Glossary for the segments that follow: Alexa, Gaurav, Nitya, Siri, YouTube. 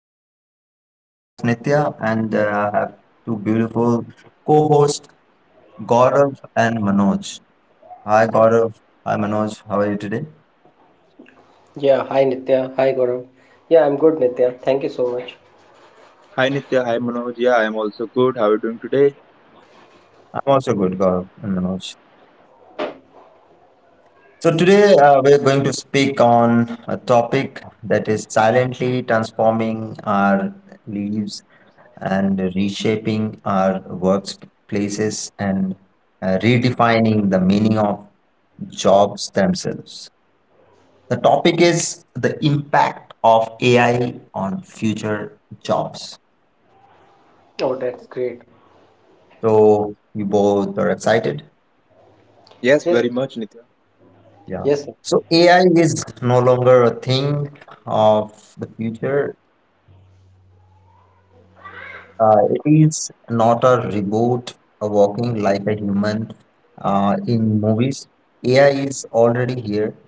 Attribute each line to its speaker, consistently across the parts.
Speaker 1: show. I'm your host Nitya and I have two beautiful co-hosts Gaurav and Manoj. Hi Gaurav, hi Manoj, how are you today?
Speaker 2: Yeah, hi Nitya. Hi Gaurav. Yeah, I'm good, Nitya. Thank you so much.
Speaker 3: Hi Nitya, hi Manoj. Yeah, I'm also good. How are you doing today?
Speaker 1: I'm also good, Gaurav and Manoj. So today we're going to speak on a topic that is silently transforming our lives and reshaping our workplaces and redefining the meaning of jobs themselves. The topic is the impact of AI on future jobs.
Speaker 2: Oh, that's great.
Speaker 1: So you both are excited.
Speaker 3: Yes,
Speaker 2: Yes,
Speaker 3: very much, Nitya.
Speaker 1: Yeah.
Speaker 2: yes,
Speaker 1: So AI is no longer a thing of the future. It is not a reboot, a walking like a human in movies. AI is already here,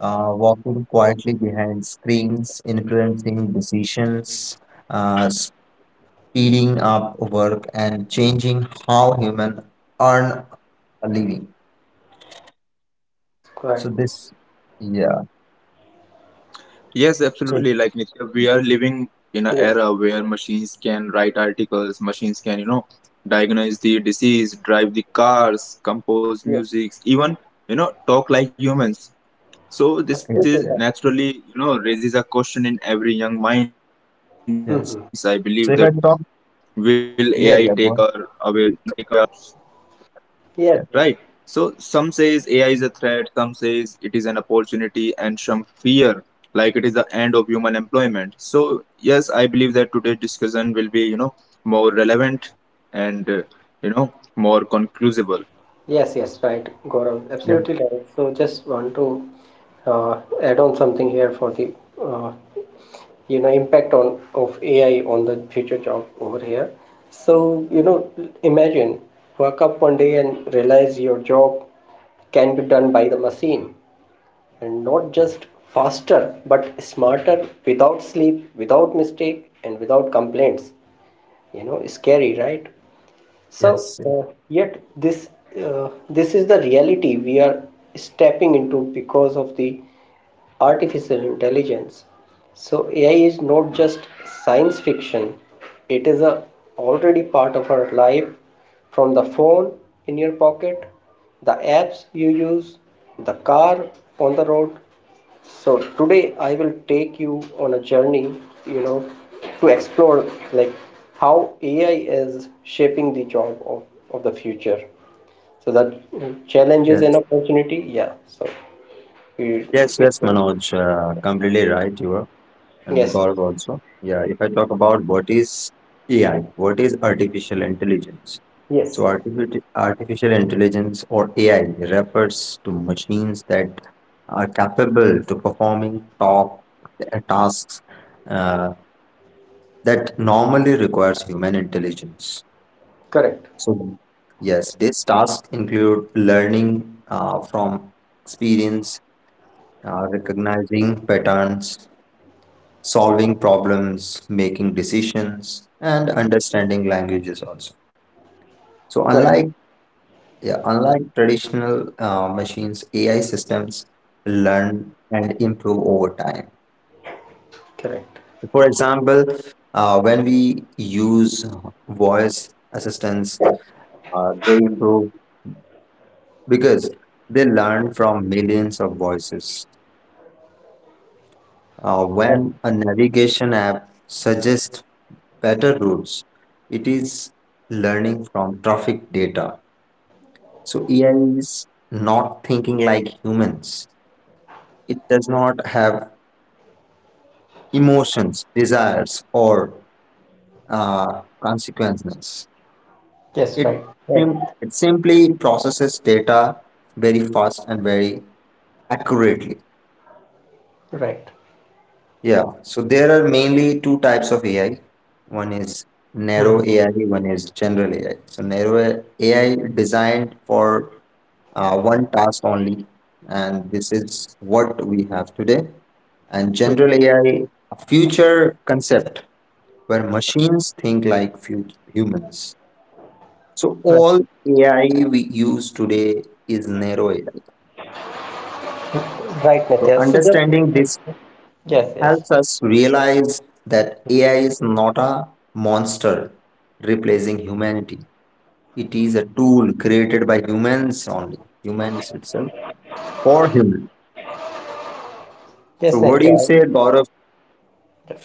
Speaker 1: walking quietly behind screens, influencing decisions, uh, speeding up work and changing how humans earn a living.
Speaker 2: yes, yes, go ahead.
Speaker 1: So this, yeah.
Speaker 3: Yes,
Speaker 1: So
Speaker 3: absolutely. Like Nitya, we are living in an
Speaker 2: Yes,
Speaker 3: era where machines can write articles, machines can, you know, diagnose the disease, drive the cars, compose
Speaker 2: yes,
Speaker 3: music, even, you know, talk like humans. So this is
Speaker 1: yes,
Speaker 2: absolutely right.
Speaker 1: yes,
Speaker 3: naturally, you know, raises a question in every young minds, I believe, that will
Speaker 1: yes.
Speaker 2: Mm-hmm.
Speaker 3: AI take
Speaker 1: So
Speaker 3: our
Speaker 1: if I talk,
Speaker 3: away, you know, take away our
Speaker 1: yeah, yeah, go
Speaker 3: jobs?
Speaker 1: on.
Speaker 3: Right, so some
Speaker 2: Yes,
Speaker 1: Yeah,
Speaker 2: yes,
Speaker 3: says AI is a threat, some says it is an opportunity, and some fear like it is the end of human employment. So yes, I believe that today's discussion will be, you know, more relevant and you know, more conclusive.
Speaker 2: yes, yes, right, Gaurav.
Speaker 1: yeah,
Speaker 2: Absolutely right. So, just want to add on something here for the uh, you know impact on of AI on the future job over here. So, you know, imagine wake up one day and realize your job can be done by the machine. And not just faster but smarter, without sleep, without mistake, and without complaints. You know, scary, right? so
Speaker 1: yes, yes,
Speaker 2: uh, yet this is the reality we are stepping into because of the artificial intelligence. So AI is not just science fiction, it is a already part of our life, from the phone in your pocket, the apps you use, the car on the road. So today I will take you on a journey, you know, to explore like how AI is shaping the job of the future. So that challenges and
Speaker 1: yes,
Speaker 2: opportunity, yeah. So you,
Speaker 1: yes,
Speaker 2: it,
Speaker 1: yes, Manoj, completely right. You are, and
Speaker 2: yes, yes,
Speaker 1: Gaurav also. Yeah. If I talk about what is AI, what is artificial intelligence? So,
Speaker 2: yes,
Speaker 1: artificial intelligence or AI refers to machines that are capable to performing top tasks uh, that normally requires human intelligence.
Speaker 2: correct,
Speaker 1: So, yes, these tasks include learning from experience, recognizing patterns, solving problems, making decisions, and understanding languages also. So,
Speaker 2: correct,
Speaker 1: unlike, yeah, unlike traditional machines, AI systems learn and improve over time.
Speaker 2: correct.
Speaker 1: For example, when we use voice assistants, they improve because they learn from millions of voices.
Speaker 2: Right.
Speaker 1: When a navigation app suggests better routes, it is learning from traffic data. So AI is not thinking like humans. It does not have emotions, desires, or consequences.
Speaker 2: Yes,
Speaker 1: It,
Speaker 2: right, right,
Speaker 1: it simply processes data very fast and very accurately.
Speaker 2: right,
Speaker 1: Yeah, so there are mainly two types of AI. One is
Speaker 2: Mhm,
Speaker 1: narrow AI, one is general AI. So, narrow AI designed for one task only, and this is what we have today. And
Speaker 2: mhm,
Speaker 1: general AI, future concept where machines think like humans. So
Speaker 2: right,
Speaker 1: all AI we use today is narrow AI.
Speaker 2: right,
Speaker 1: So
Speaker 2: Nitya. So the
Speaker 1: understanding this
Speaker 2: yes, yes,
Speaker 1: helps us realize that AI is not a monster replacing humanity. It is a tool created by humans only, humans itself for human. So
Speaker 2: yes,
Speaker 1: what do you
Speaker 2: Nitya.
Speaker 1: say, Gaurav?
Speaker 2: Yeah,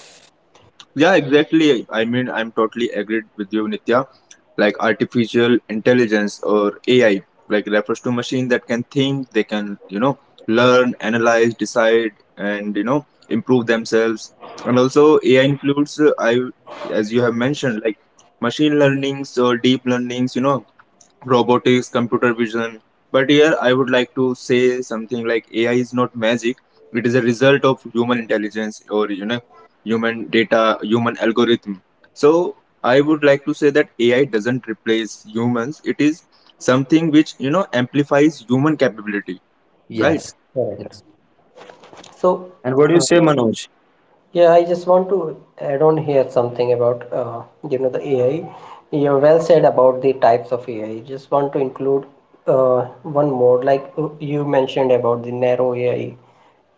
Speaker 3: Yeah, exactly. I mean, I'm totally agreed with you, Nitya. Like artificial intelligence or AI, like refers to machine that can think, they can, you know, learn, analyze, decide, and you know, improve themselves. And also, AI includes, as you have mentioned, like machine learnings or deep learnings, you know, robotics, computer vision. But here I would like to say something like AI is not magic. It is a result of human intelligence or you know human data, human algorithm. So I would like to say that AI doesn't replace humans. It is something which you know amplifies human capability, right?
Speaker 1: Yes,
Speaker 2: Correct.
Speaker 1: yes.
Speaker 2: So,
Speaker 1: And what do you
Speaker 2: uh,
Speaker 1: say, Manoj?
Speaker 2: yeah, I just want to add on here something about you know the AI. You're well said about the types of AI. Just want to include uh, one more, like you mentioned about the narrow AI,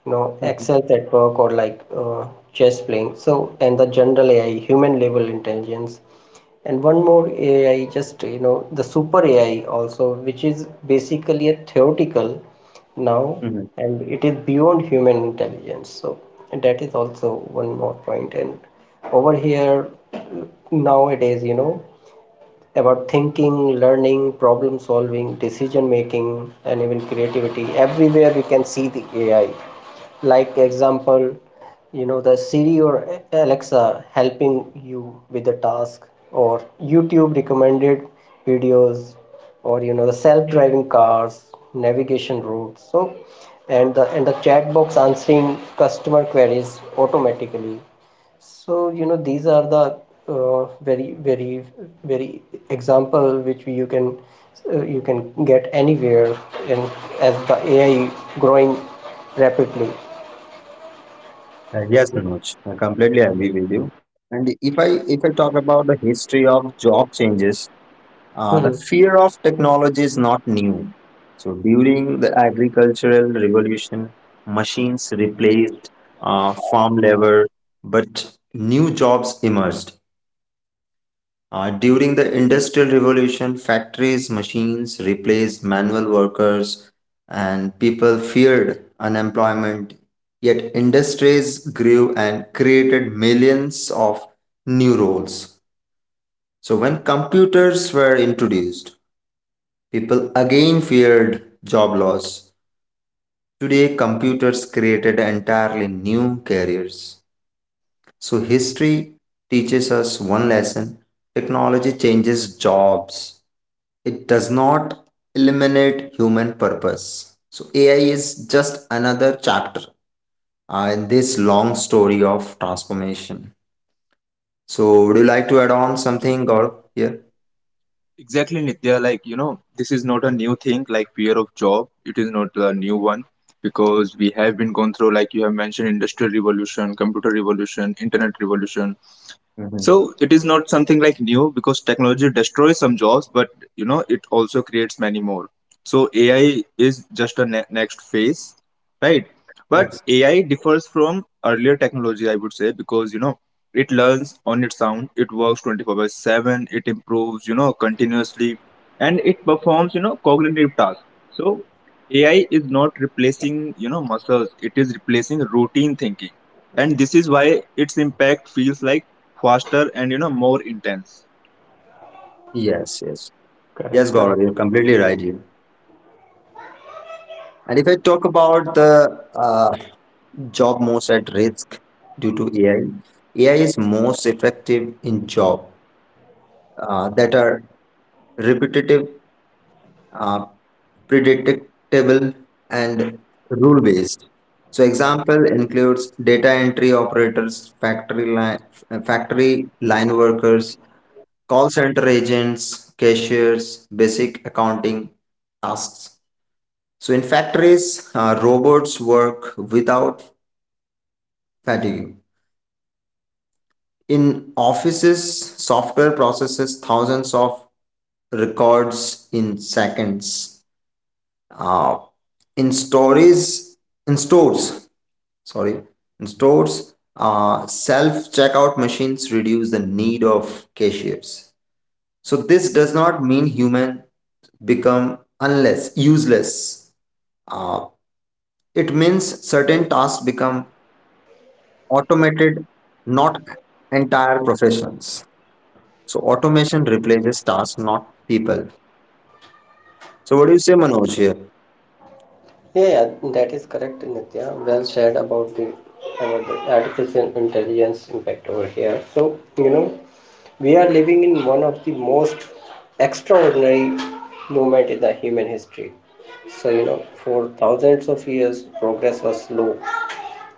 Speaker 2: you know, Excel at work or like chess playing. So, and the general AI, human level intelligence, and one more ai, just you know the super ai also, which is basically a theoretical now, and it is beyond human intelligence. So, and that is also one more point. And over here nowadays, you know, about thinking, learning, problem solving, decision making, and even creativity. Everywhere we can see the AI. Like example, you know the Siri or Alexa helping you with the task, or YouTube recommended videos, or you know the self-driving cars, navigation routes. So, and the chat box answering customer queries automatically. So, you know, these are the uh, very, very, very example which you can get anywhere in as the AI growing rapidly.
Speaker 1: Yes, Manoj, I completely agree with you. And if I talk about the history of job changes,
Speaker 2: Mhm.
Speaker 1: the fear of technology is not new. So during the agricultural revolution, machines replaced farm labor, but new jobs emerged. During the Industrial Revolution, factories, machines replaced manual workers, and people feared unemployment. Yet, industries grew and created millions of new roles. So, when computers were introduced, people again feared job loss. Today, computers created entirely new careers. So, history teaches us one lesson: technology changes jobs, it does not eliminate human purpose. So, AI is just another chapter in this long story of transformation. So, would you like to add on something, Gaurav, here?
Speaker 3: Exactly, Nitya. Like you know, this is not a new thing. Like fear of job, it is not a new one because we have been going through, like you have mentioned, industrial revolution, computer revolution, internet revolution.
Speaker 1: Mhm.
Speaker 3: So it is not something like new, because technology destroys some jobs, but you know it also creates many more. So AI is just a next phase, right? But
Speaker 1: Yes,
Speaker 3: AI differs from earlier technology, I would say, because you know it learns on its own, it works twenty four by seven, it improves, you know, continuously, and it performs, you know, cognitive tasks. So AI is not replacing, you know, muscles; it is replacing routine thinking, and this is why its impact feels like faster and you know more intense.
Speaker 1: yes, yes.
Speaker 2: Correct,
Speaker 1: Yes,
Speaker 2: correct.
Speaker 1: Gaurav, you're completely right here. And if I talk about the uh, job most at risk due to AI, AI is most effective in job that are repetitive, uh, predictable and rule based. So example includes data entry operators, factory line workers, call center agents, cashiers, basic accounting tasks. So in factories, robots work without fatigue. In offices, software processes thousands of records in seconds. Uh, in stories, in stores, sorry, in stores, self-checkout machines reduce the need of cashiers. So this does not mean human become unless useless. uh, it means certain tasks become automated, not entire professions. So automation replaces tasks, not people. So what do you say, Manoj, here?
Speaker 2: Yeah, yeah, that is correct, Nitya. Well said about the artificial intelligence impact over here. So, you know, we are living in one of the most extraordinary moment in the human history. So, you know, for thousands of years, progress was slow.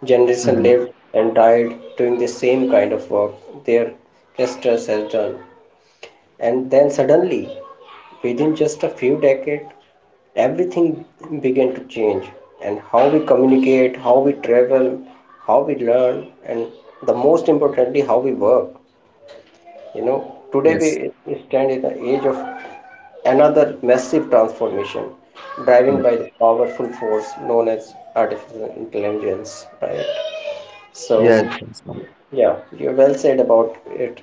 Speaker 2: Generation
Speaker 1: Mhm.
Speaker 2: lived and died doing the same kind of work their ancestors has done. And then suddenly, within just a few decades, everything began to change. And how we communicate, how we travel, how we learn, and the most importantly, how we work. You know,
Speaker 1: Yes,
Speaker 2: today we stand in the age of another massive transformation driven
Speaker 1: yes,
Speaker 2: by the powerful force known as artificial intelligence, right?
Speaker 1: yes.
Speaker 2: So,
Speaker 1: Yes, Manoj.
Speaker 2: yeah, you well said about it.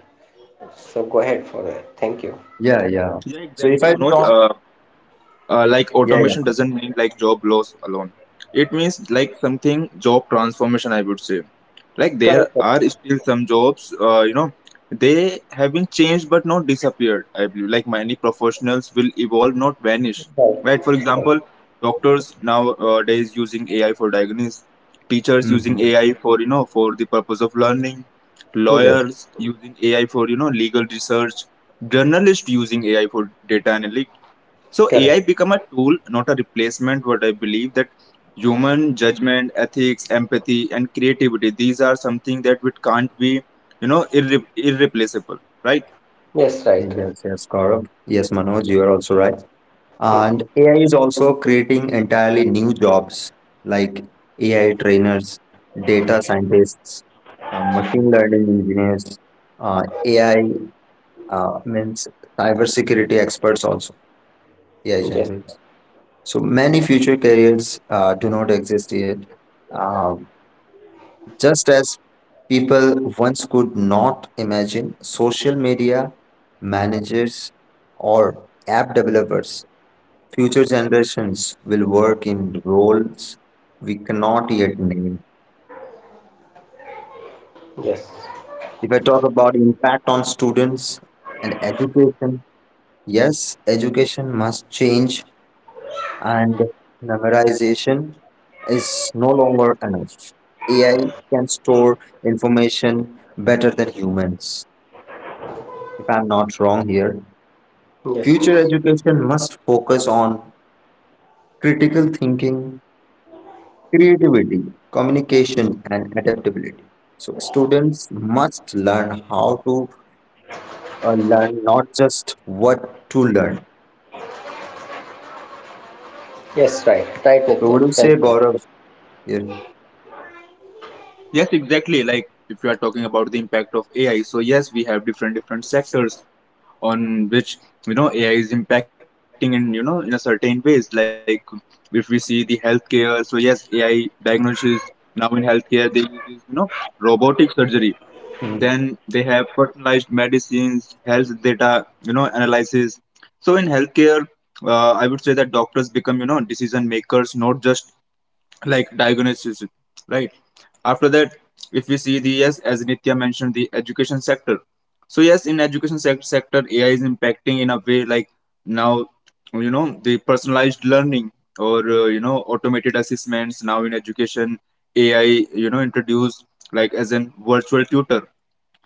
Speaker 2: So go ahead for it. Thank you.
Speaker 1: Yeah, yeah.
Speaker 3: Yeah,
Speaker 1: So if
Speaker 3: exactly,
Speaker 1: I
Speaker 3: Manoj.
Speaker 1: talk,
Speaker 3: Uh, Like
Speaker 1: yeah, yeah,
Speaker 3: automation
Speaker 1: go on.
Speaker 3: doesn't mean like job loss alone, it means like something job transformation, I would say. Like there
Speaker 2: Correct.
Speaker 3: are still some jobs, you know, they have been changed but not disappeared. I believe like many professionals will evolve, not vanish,
Speaker 2: Right.
Speaker 3: right? For
Speaker 2: Right.
Speaker 3: example, doctors nowadays using AI for diagnosis, teachers using
Speaker 1: Mhm.
Speaker 3: AI for you know for the purpose of learning,
Speaker 2: Okay.
Speaker 1: Yes.
Speaker 3: lawyers using AI for you know legal research, journalists using AI for data analytics. So
Speaker 2: Correct.
Speaker 3: AI become a tool, not a replacement. What I believe that human judgment, ethics, empathy, and creativity, these are something that we can't be, you know, irreplaceable, right?
Speaker 2: Yes. Right. Right.
Speaker 1: Yes, yes, Gaurav. Yes, Manoj, you are also right.
Speaker 2: Hmm.
Speaker 1: And AI is also creating entirely new jobs like AI trainers, data scientists, machine learning engineers, AI, means, cybersecurity experts also. AI
Speaker 2: Yes.
Speaker 1: generates. So many future careers do not exist yet. Uh, just as people once could not imagine social media managers or app developers, future generations will work in roles we cannot yet name.
Speaker 2: Yes.
Speaker 1: If I talk about impact on students and education, yes, education must change and memorization is no longer enough. AI can store information better than humans. If I'm not wrong here,
Speaker 2: Yes.
Speaker 1: future
Speaker 2: Yes.
Speaker 1: education must focus on critical thinking, creativity, communication, and adaptability. So, students must learn how to learn, not just what to learn.
Speaker 2: Yes. Right. Right,
Speaker 1: So,
Speaker 2: Nitya.
Speaker 1: what do you
Speaker 2: Well
Speaker 1: say,
Speaker 2: said.
Speaker 1: Gaurav?
Speaker 3: Yes, exactly. Like if you are talking about the impact of AI, so yes, we have different different sectors on which you know AI is impacting in you know in a certain ways. Like if we see the healthcare, so yes, AI diagnosis, now in healthcare they use this, you know, robotic surgery,
Speaker 1: Here?
Speaker 3: then they have personalized medicines, health data you know analysis. So in healthcare, I would say that doctors become you know decision makers, not just like diagnosis, right? After that, if we see, the yes as Nitya mentioned, the education sector. So yes, in education sector, AI is impacting in a way like now you know the personalized learning or you know automated assessments. Now in education, AI, you know, introduced like as an virtual tutor,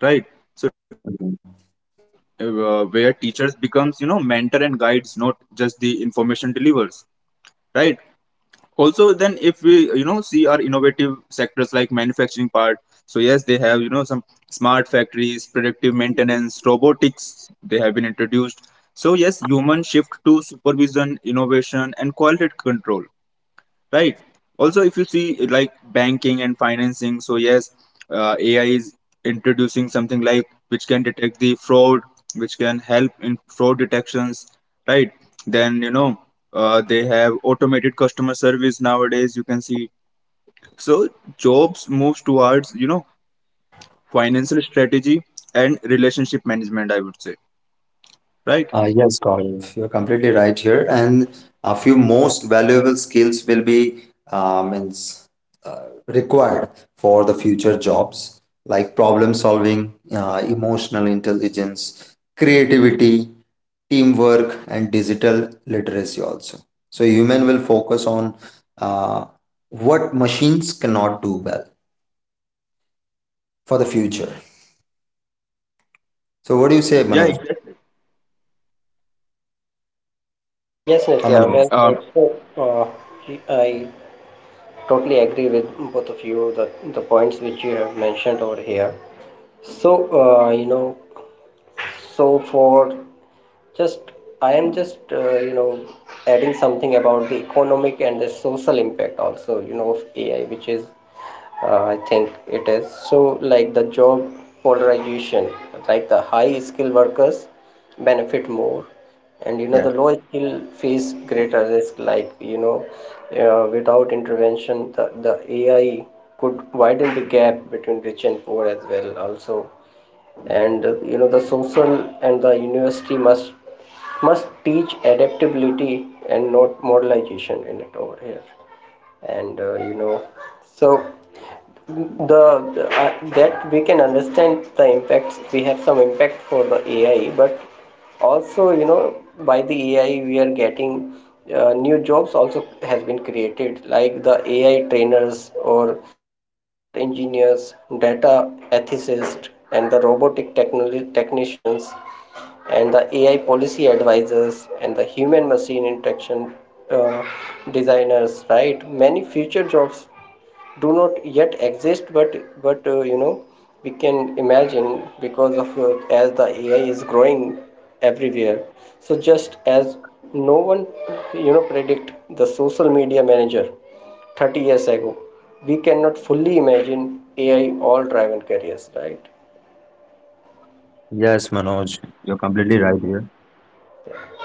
Speaker 3: right? So where teachers becomes you know mentor and guides, not just the information delivers, right? Also then, if we you know see our innovative sectors like manufacturing part, so yes they have you know some smart factories, predictive maintenance, robotics, they have been introduced. So yes, human shift to supervision, innovation, and quality control, right? Also, if you see like banking and financing, so yes, AI is introducing something like which can detect the fraud, which can help in fraud detections, right? Then you know, they have automated customer service nowadays, you can see. So jobs moves towards you know financial strategy and relationship management, I would say, right?
Speaker 1: Yes, Gaurav, you're completely right here. And a few most valuable skills will be means, required for the future jobs, like problem solving, emotional intelligence, creativity, teamwork, and digital literacy also. So human will focus on uh, what machines cannot do well for the future. So what do you say,
Speaker 3: Yeah,
Speaker 1: Manoj?
Speaker 3: exactly.
Speaker 2: Yes, Nitya.
Speaker 1: Manoj.
Speaker 2: Well said. So, I totally agree with both of you, the points which you have mentioned over here. So, you know, so for just I am just you know adding something about the economic and the social impact also, you know, of AI, which is I think it is so, like the job polarization, like the high skilled workers benefit more and you know the
Speaker 1: Yes.
Speaker 2: low skill face greater risk. Like, you know, without intervention, the ai could widen the gap between rich and poor as well also. And you know the social, and the university must teach adaptability and not moralization in it over here. And you know, so, the, the that we can understand the impacts. We have some impact for the ai, but also you know, by the ai we are getting new jobs also has been created, like the ai trainers, or the prompt engineers, data ethicists, and the robotic technicians, and the AI policy advisors, and the human machine interaction uh, designers, right? Many future jobs do not yet exist, but you know we can imagine because of as the AI is growing everywhere. So just as no one you know predict the social media manager 30 years ago, we cannot fully imagine AI all driven careers, right?
Speaker 1: Yes, Manoj. You're completely right here.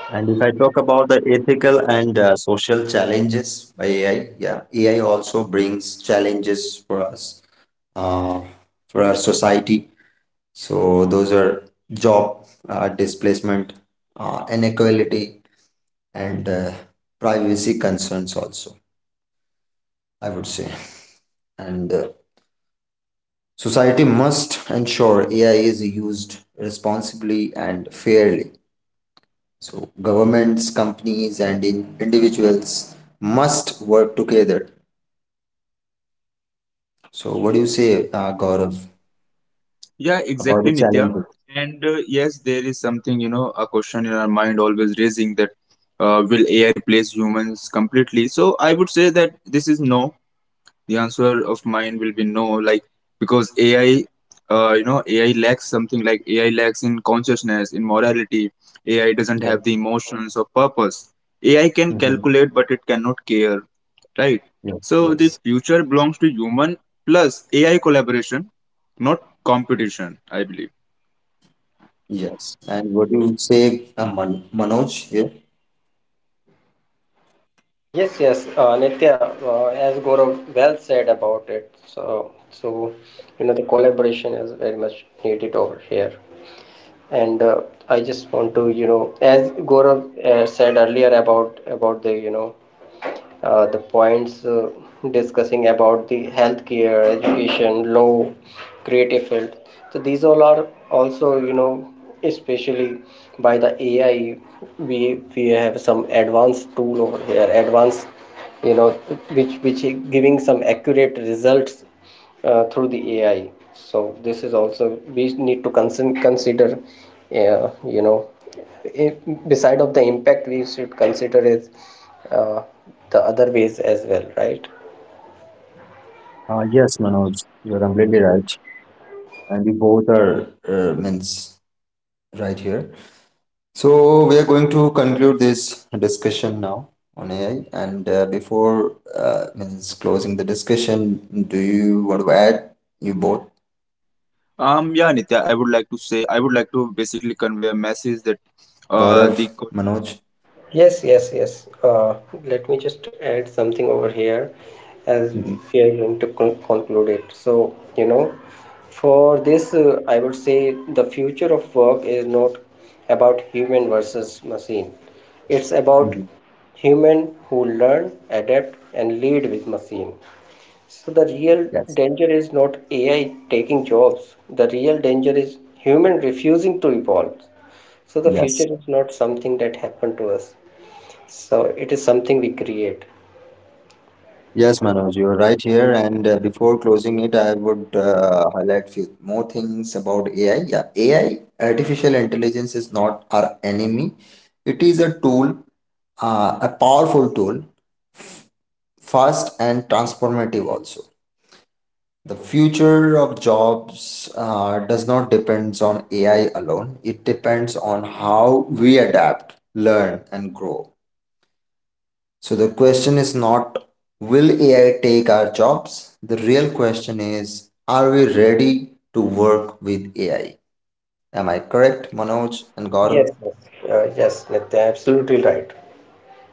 Speaker 1: And if I talk about the ethical and social challenges by AI, yeah, AI also brings challenges for us, uh, for our society. So those are job displacement, inequality, and privacy concerns also, I would say. And society must ensure AI is used responsibly and fairly. So governments, companies, and in individuals must work together. So what do you say, Gaurav,
Speaker 3: Yeah,
Speaker 1: about
Speaker 3: exactly,
Speaker 1: the
Speaker 3: Nitya.
Speaker 1: challenges?
Speaker 3: And yes, there is something, you know, a question in our mind always raising that will AI replace humans completely? So I would say that this is no. The answer of mine will be no, like because AI, you know, AI lacks something, like AI lacks in consciousness, in morality. AI doesn't
Speaker 1: Yes.
Speaker 3: have the emotions or purpose. AI can
Speaker 1: Hmm.
Speaker 3: calculate, but it cannot care, right?
Speaker 1: Yes.
Speaker 3: So the
Speaker 1: Yes.
Speaker 3: future belongs to human plus AI collaboration, not competition, I believe.
Speaker 1: Yes. And what do you say, Manoj? Here?
Speaker 2: Yes, yes, Nitya, as Gaurav well said about it. So, so, you know, the collaboration is very much needed over here. And I just want to, you know, as Gaurav said earlier, about the you know the points, discussing about the healthcare, education, law, creative field. So these all are also, you know, especially by the AI, we have some advanced tool over here, advanced, you know, which giving some accurate results through the AI. So this is also we need to consider, you know, i- beside of the impact we should consider is uh, the other ways as well, right?
Speaker 1: Yes, Manoj, you're completely right. And we both are means right here. So we are going to conclude this discussion now on AI. And before means closing the discussion, do you want to add, you both?
Speaker 3: Yeah, Nitya, I would like to say, I would like to basically convey a message that
Speaker 1: Gaurav,
Speaker 3: the
Speaker 1: Manoj.
Speaker 3: question
Speaker 2: Yes, yes, yes, uh, let me just add something over here. As
Speaker 1: Mhm,
Speaker 2: we are going to conclude it, so you know, for this, I would say the future of work is not about human versus machine. It's about
Speaker 1: mhm.
Speaker 2: human who learn, adapt, and lead with machine. So the real
Speaker 1: Yes,
Speaker 2: danger is not AI taking jobs. The real danger is human refusing to evolve. So the
Speaker 1: yes.
Speaker 2: future is not something that happened to us. So it is something we create.
Speaker 1: Yes, Manoj, you're right here. And before closing it, I would highlight few more things about AI. Yeah, AI, artificial intelligence, is not our enemy. It is a tool, a powerful tool, fast and transformative also. The future of jobs does not depends on AI alone. It depends on how we adapt, learn, and grow. So the question is not will AI take our jobs? The real question is, are we ready to work with AI? Am I correct, Manoj and
Speaker 2: Yes,
Speaker 1: Gaurav?
Speaker 2: yes, yes, Nitya, absolutely right.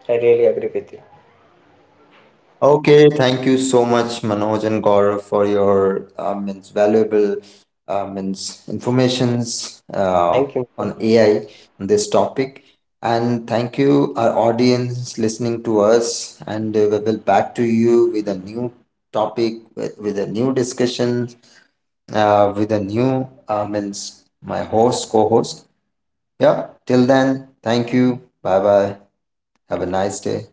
Speaker 2: I really agree with you.
Speaker 1: Okay, thank you so much, Manoj and Gaurav, for your means valuable, means informations,
Speaker 2: Yeah. Thank you,
Speaker 1: on
Speaker 2: Nitya.
Speaker 1: AI, on this topic. And thank you, our audience, listening to us. And we will back to you with a new topic, with a new discussion, with a new means my host co-host. Yeah, till then, thank you, bye bye. Have a nice day.